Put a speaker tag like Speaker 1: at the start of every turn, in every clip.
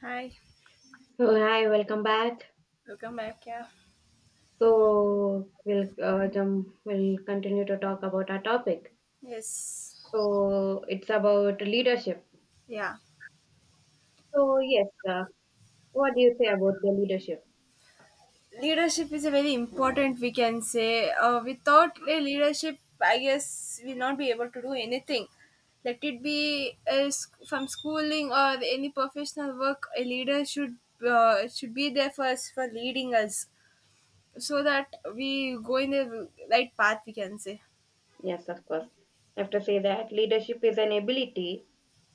Speaker 1: Hi,
Speaker 2: So hi, welcome back.
Speaker 1: welcome back. Yeah,
Speaker 2: We'll continue to talk about our topic.
Speaker 1: yes,
Speaker 2: So it's about leadership.
Speaker 1: yeah.
Speaker 2: So what do you say about the leadership?
Speaker 1: Leadership is a very important, we can say. Without a leadership, I guess we'll not be able to do anything. Let it be from schooling or any professional work, a leader should be there for us for leading us, so that we go in the right path. We can say.
Speaker 2: Yes, of course. I have to say that leadership is an ability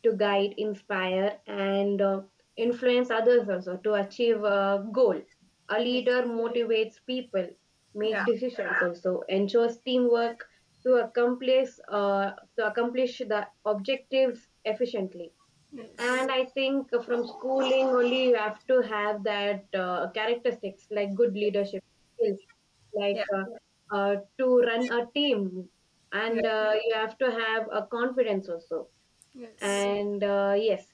Speaker 2: to guide, inspire, and influence others also to achieve a goal. A
Speaker 1: Yes.
Speaker 2: leader motivates people, make
Speaker 1: Yeah.
Speaker 2: decisions also, ensures teamwork to accomplish uh, to accomplish the objectives efficiently.
Speaker 1: Yes.
Speaker 2: And I think from schooling only you have to have that characteristics like good leadership skills, like
Speaker 1: Yeah.
Speaker 2: to run a team,
Speaker 1: Yeah.
Speaker 2: and you have to have a confidence also
Speaker 1: Yes.
Speaker 2: and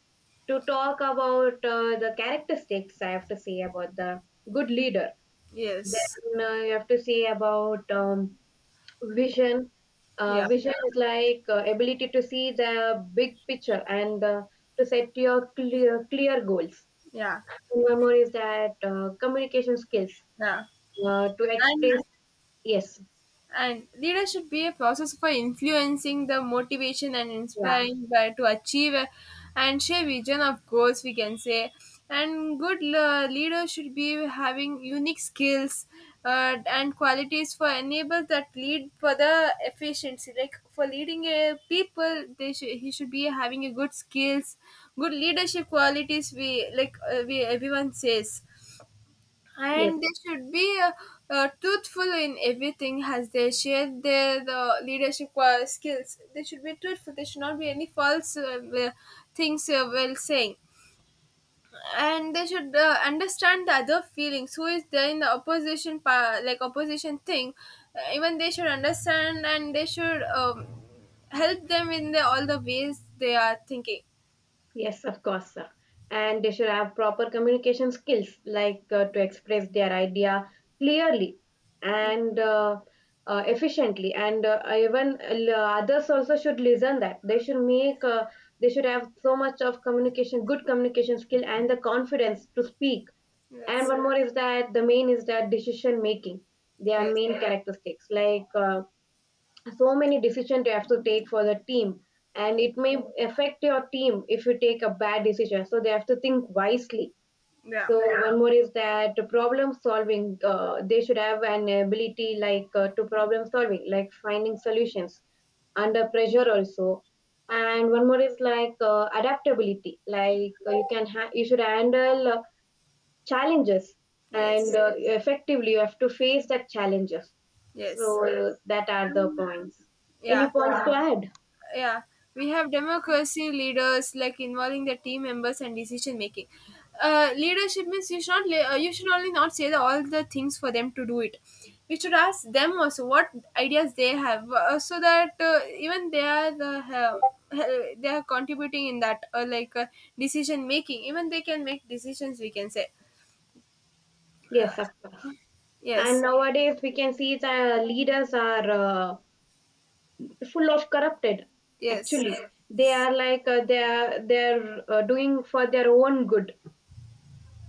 Speaker 2: to talk about the characteristics, I have to say about the good leader.
Speaker 1: Yes.
Speaker 2: Then you have to say about vision.
Speaker 1: Yeah.
Speaker 2: Vision is like ability to see the big picture and to set your clear goals.
Speaker 1: Yeah.
Speaker 2: And one more is that communication skills
Speaker 1: Yeah.
Speaker 2: to
Speaker 1: and
Speaker 2: express. Yes,
Speaker 1: and leader should be a process for influencing the motivation and
Speaker 2: yeah,
Speaker 1: inspiring by to achieve. And share vision of goals, we can say. And leader should be having unique skills and qualities for enable that lead for the efficiency, like for leading a people, they should he should be having a good skills, good leadership qualities we like, we everyone says.
Speaker 2: yes.
Speaker 1: And they should be truthful in everything, as they share their leadership skills. They should be truthful. There should not be any false things while saying. And they should understand the other feelings. Who is there in the opposition, like opposition thing? Even they should understand, and they should help them in the, all the ways they are thinking.
Speaker 2: Yes, of course, sir. And they should have proper communication skills, like to express their idea clearly and efficiently. And even others also should listen that they should have so much of communication, good communication skill, and the confidence to speak. And
Speaker 1: Yes.
Speaker 2: one more is that the main is that decision making. Their
Speaker 1: Yes.
Speaker 2: main characteristics, like so many decisions you have to take for the team, and
Speaker 1: Yes.
Speaker 2: it may affect your team if you take a bad decision, so they have to think wisely.
Speaker 1: Yeah.
Speaker 2: So one more is that problem solving. They should have an ability like to problem solving like finding solutions under pressure also. And one more is like adaptability, like you should handle challenges and
Speaker 1: Yes.
Speaker 2: effectively you have to face that challenges.
Speaker 1: Yes.
Speaker 2: So that are the points. Any
Speaker 1: Yeah.
Speaker 2: points to add?
Speaker 1: Yeah, we have democracy leaders like involving the team members and decision making. Leadership means you should not le- you should only not say the, all the things for them to do it. We should ask them also what ideas they have, so that even they are they are contributing in that, decision making. Even they can make decisions, we can say.
Speaker 2: Yes, of course. And
Speaker 1: Yes.
Speaker 2: nowadays we can see the leaders are full of corrupted. Actually,
Speaker 1: Yes.
Speaker 2: they are like they're doing for their own good.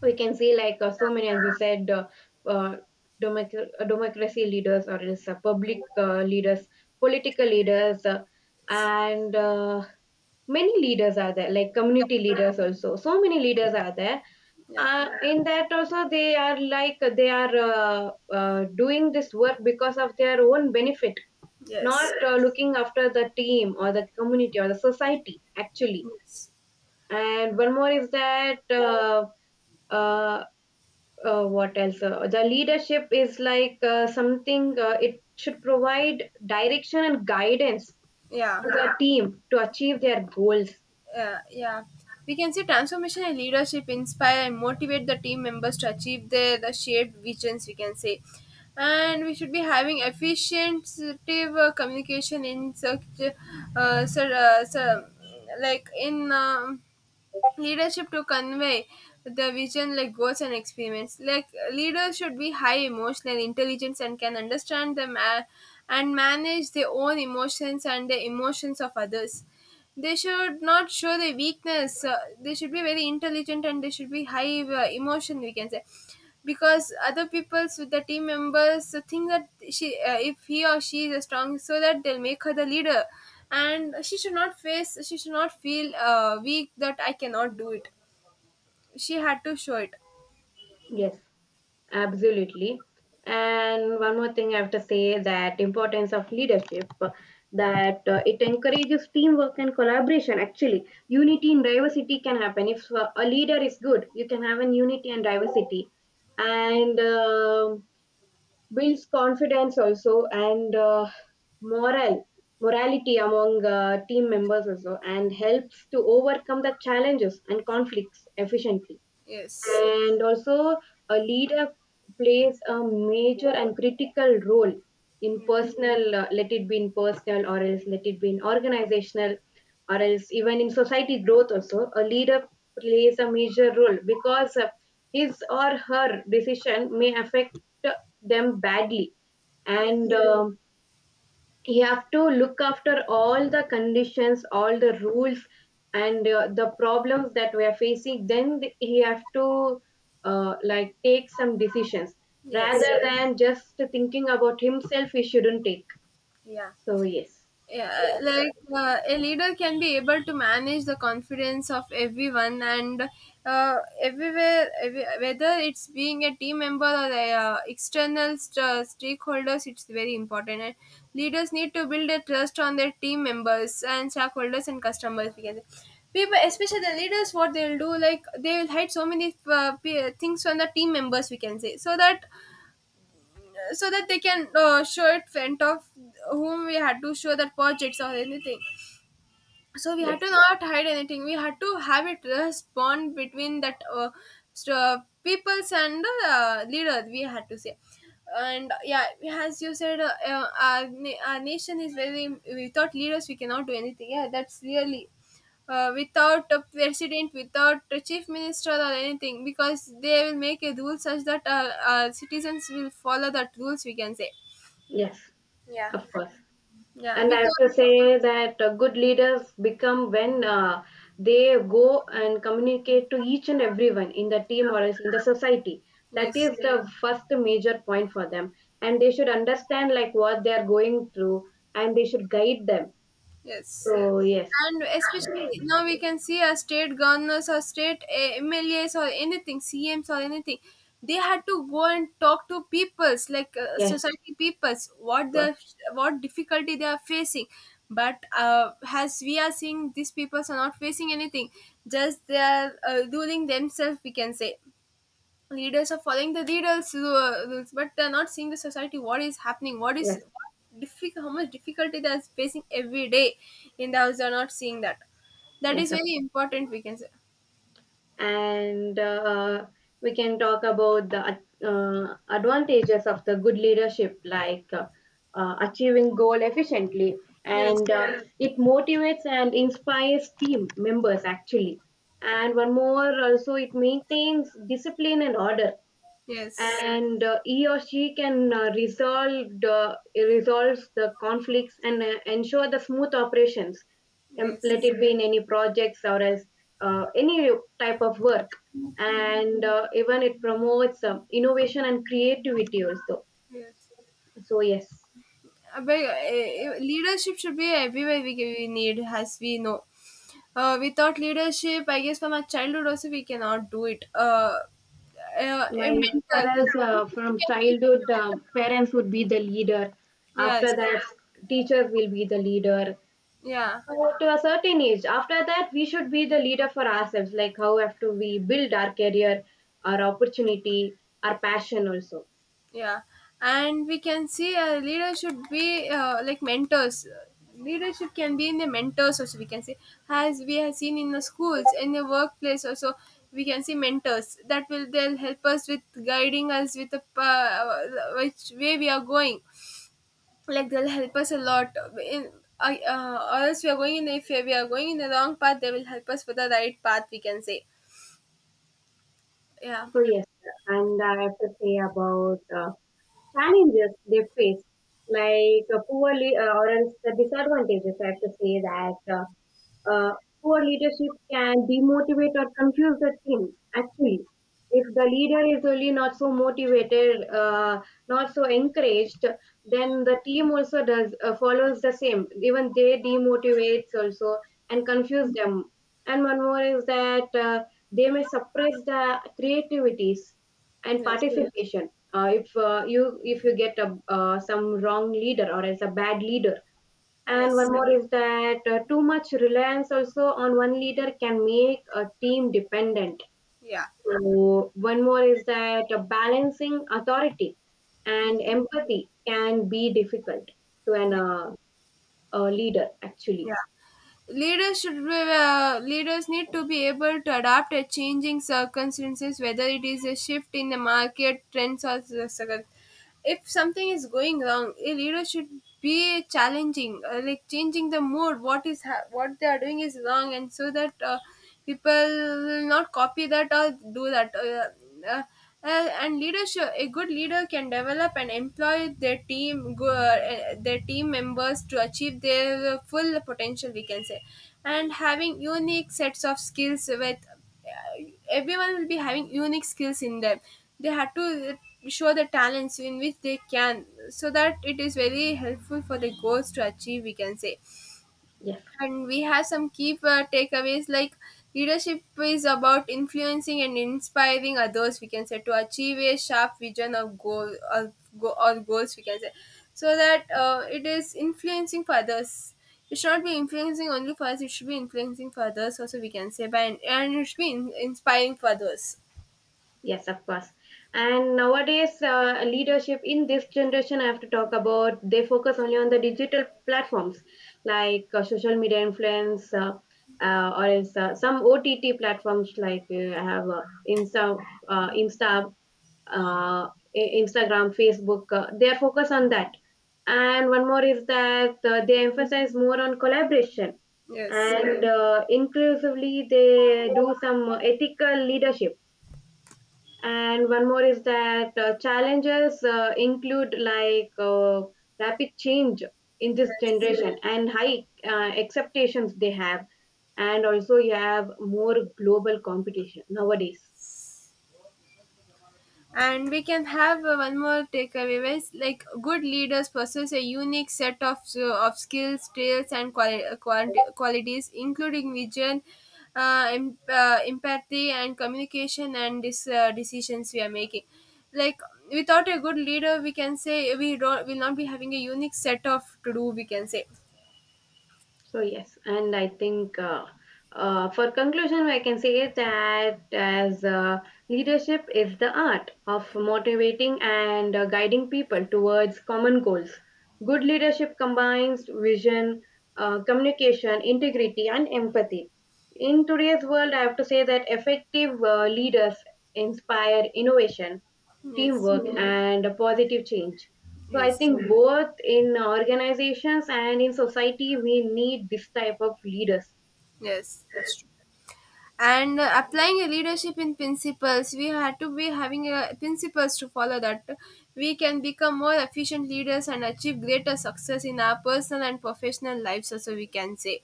Speaker 2: We can see like so many, as you said, uh, democracy leaders or else public leaders, political leaders, and many leaders are there, like
Speaker 1: Yeah,
Speaker 2: community leaders also. So many leaders are there.
Speaker 1: yeah.
Speaker 2: In that also they are like they are doing this work because of their own benefit, not
Speaker 1: Yes.
Speaker 2: looking after the team or the community or the society actually.
Speaker 1: Yes.
Speaker 2: And one more is that uh, what else, the leadership is like something it should provide direction and guidance
Speaker 1: Yeah.
Speaker 2: to the team to achieve their goals.
Speaker 1: Yeah. Yeah, we can see transformation in leadership inspire and motivate the team members to achieve their the shared visions, we can say. And we should be having efficient communication in such uh, sir, uh, sir, like in leadership, to convey the vision like goals and experiments. Like, leaders should be high emotional intelligence and can understand them, and manage their own emotions and the emotions of others. They should not show their weakness. They should be very intelligent, and they should be high emotion, we can say. Because other people's with the team members, so think that she if he or she is strong, so that they'll make her the leader. And she should not feel weak that I cannot do it. She had to show it.
Speaker 2: Yes. Absolutely. And one more thing I have to say, that importance of leadership, that it encourages teamwork and collaboration, actually unity and diversity can happen if a leader is good, you can have an unity and diversity, and builds confidence also, and morale morality among team members also, and helps to overcome the challenges and conflicts efficiently.
Speaker 1: Yes.
Speaker 2: And also, a leader plays a major and critical role in personal, let it be in personal or else let it be in organizational, or else even in society growth also. A leader plays a major role because his or her decision may affect them badly. And
Speaker 1: Yes.
Speaker 2: you have to look after all the conditions, all the rules, and the problems that we are facing. Then he have to like take some decisions,
Speaker 1: Yes.
Speaker 2: rather than just thinking about himself he shouldn't take.
Speaker 1: Yeah.
Speaker 2: So yes,
Speaker 1: Yeah, like a leader can be able to manage the confidence of everyone, and everywhere, every, whether it's being a team member or a, stakeholders, it's very important. And leaders need to build a trust on their team members and stakeholders and customers. We can say. People, especially the leaders, what they'll do, like they will hide so many things from the team members. We can say, so that so that they can show it front of whom we had to show that projects or anything. So we had
Speaker 2: yes,
Speaker 1: to not hide anything, we had to have a trust bond between that st- uh, peoples and the leader, we had to say. And yeah, as you said, our nation is very, without leaders we cannot do anything. Yeah, that's really, without a president, without a chief minister or anything, because they will make a rule such that citizens will follow that rules, we can say.
Speaker 2: yes,
Speaker 1: Yeah.
Speaker 2: of course.
Speaker 1: Yeah,
Speaker 2: And I have
Speaker 1: because
Speaker 2: to say that good leaders become when they go and communicate to each and everyone in the team or else in the society. That
Speaker 1: yes.
Speaker 2: is the first major point for them. And they should understand like what they are going through, and they should guide them.
Speaker 1: Yes.
Speaker 2: So yes,
Speaker 1: And especially now we can see our state governors or state eh, MLAs or anything, CMs or anything. They had to go and talk to peoples, like
Speaker 2: yes,
Speaker 1: society peoples
Speaker 2: of
Speaker 1: what
Speaker 2: course.
Speaker 1: the what difficulty they are facing. But as we are seeing, these peoples are not facing anything. Just they are ruling themselves. We can say, leaders are following the leaders rules, but they're not seeing the society, what is happening, what is
Speaker 2: Yes,
Speaker 1: what difficult, how much difficulty they're facing every day in the house. They're not seeing that. That
Speaker 2: yes,
Speaker 1: is very important, we can say.
Speaker 2: and we can talk about the advantages of the good leadership, like achieving goal efficiently,
Speaker 1: Yes.
Speaker 2: and It motivates and inspires team members actually. And one more also, it maintains discipline and order,
Speaker 1: Yes.
Speaker 2: and he or she can resolves the conflicts, and ensure the smooth operations, let
Speaker 1: Yes.
Speaker 2: it be in any projects or as any type of work. And even it promotes innovation and creativity also.
Speaker 1: Yes.
Speaker 2: So yes.
Speaker 1: Leadership should be everywhere we need, as we know. Without leadership, I guess from our childhood also we cannot do it. A
Speaker 2: Like
Speaker 1: mental
Speaker 2: for us,
Speaker 1: leadership
Speaker 2: from
Speaker 1: can be from
Speaker 2: childhood,
Speaker 1: your mentor.
Speaker 2: parents would be the leader.
Speaker 1: Yes.
Speaker 2: After that, teachers will be the leader.
Speaker 1: Yeah.
Speaker 2: So to a certain age, after that, we should be the leader for ourselves. Like how have to we build our career, our opportunity, our passion also.
Speaker 1: Yeah, and we can see a leader should be like mentors, leadership can be in the mentors also, we can see. As we have seen in the schools, in the workplace also, we can see mentors that will they'll help us with guiding us with the which way we are going. Like, they'll help us a lot in, or else we are going in, if we are going in the wrong path, they will help us for the right path, we can say. Yeah.
Speaker 2: So yes, and I have to say about challenges they face, like or else the disadvantages. I have to say that uh, poor leadership can demotivate or confuse the team. Actually, if the leader is really not so motivated, not so encouraged, then the team also does follows the same, even they demotivates also and confuse them. And one more is that they may suppress the creativities and Yes.
Speaker 1: Yes.
Speaker 2: participation. If you if you get a some wrong leader or as a bad leader. And one
Speaker 1: Yes.
Speaker 2: Yeah. more is that too much reliance also on one leader can make a team dependent.
Speaker 1: Yeah.
Speaker 2: So one more is that balancing authority
Speaker 1: Yes.
Speaker 2: and empathy can be difficult to an a leader actually.
Speaker 1: Yeah. Leaders should be, leaders need to be able to adapt to changing circumstances, whether it is a shift in the market trends or the if something is going wrong, a leader should be challenging, like changing the mood, what is what they are doing is wrong, and so that people will not copy that or do that. Uh, and leadership, a good leader can develop and employ their their team members to achieve their full potential, we can say. And having unique sets of skills with, uh, everyone will be having unique skills in them. They have to uh, show the talents in which they can, so that it is very helpful for the goals to achieve, we can say.
Speaker 2: Yes,
Speaker 1: And we have some key takeaways, like leadership is about influencing and inspiring others, we can say, to achieve a sharp vision of or goals, we can say. So that it is influencing for others, it should not be influencing only for us, it should be influencing for others also, we can say by, and it should be inspiring for others.
Speaker 2: yes, of course. And nowadays, leadership in this generation, I have to talk about, they focus only on the digital platforms like social media influence. Or else some OTT platforms like I have Insta, uh, Insta uh, Instagram, Facebook. They are focused on that. And one more is that they emphasize more on collaboration,
Speaker 1: Yes.
Speaker 2: and inclusively they do some ethical leadership. And one more is that challenges include like rapid change in this
Speaker 1: Yes.
Speaker 2: generation and high expectations they have. And also, you have more global competition nowadays.
Speaker 1: And we can have, one more takeaway is like good leaders possess a unique set of, of skills, traits and qualities, including vision, empathy, and communication, and decisions we are making. Like, without a good leader, we can say, we don't will not be having a unique set of to do, we can say.
Speaker 2: So yes, and I think for conclusion, I can say that, as leadership is the art of motivating and guiding people towards common goals. Good leadership combines vision, communication, integrity, and empathy. In today's world, I have to say that effective leaders inspire innovation,
Speaker 1: Yes.
Speaker 2: teamwork, and a positive change. So I
Speaker 1: Yes.
Speaker 2: think both in organizations and in society, we need this type of leaders.
Speaker 1: Yes, that's true. And applying a leadership in principles, we had to be having a principles to follow that, we can become more efficient leaders and achieve greater success in our personal and professional lives also, we can say.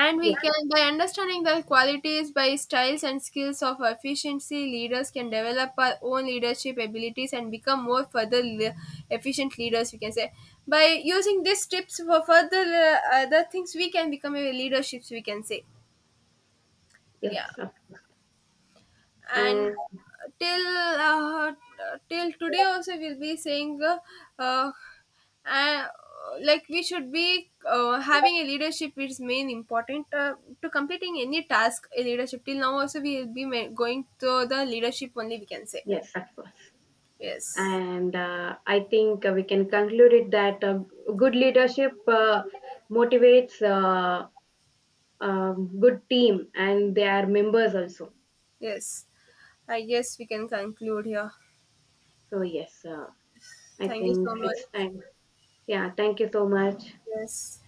Speaker 1: And we
Speaker 2: Yes,
Speaker 1: can by understanding the qualities, by styles and skills of efficiency leaders, can develop our own leadership abilities and become more efficient leaders, we can say. By using these tips for further other things, we can become a leaderships, we can say. Yeah.
Speaker 2: yes, of-
Speaker 1: And
Speaker 2: and
Speaker 1: till uh, till today also we'll be saying, uh, uh, like we should be having a leadership is main important, to completing any task a leadership. Till now also, we will be going to the leadership only, we can say.
Speaker 2: yes, of course.
Speaker 1: Yes.
Speaker 2: And I think we can conclude it that good leadership motivates good team and their members also.
Speaker 1: Yes, I guess we can conclude here.
Speaker 2: So yes, I
Speaker 1: Thank you
Speaker 2: think
Speaker 1: so
Speaker 2: it's
Speaker 1: much.
Speaker 2: time. Yeah, thank you so much.
Speaker 1: Yes.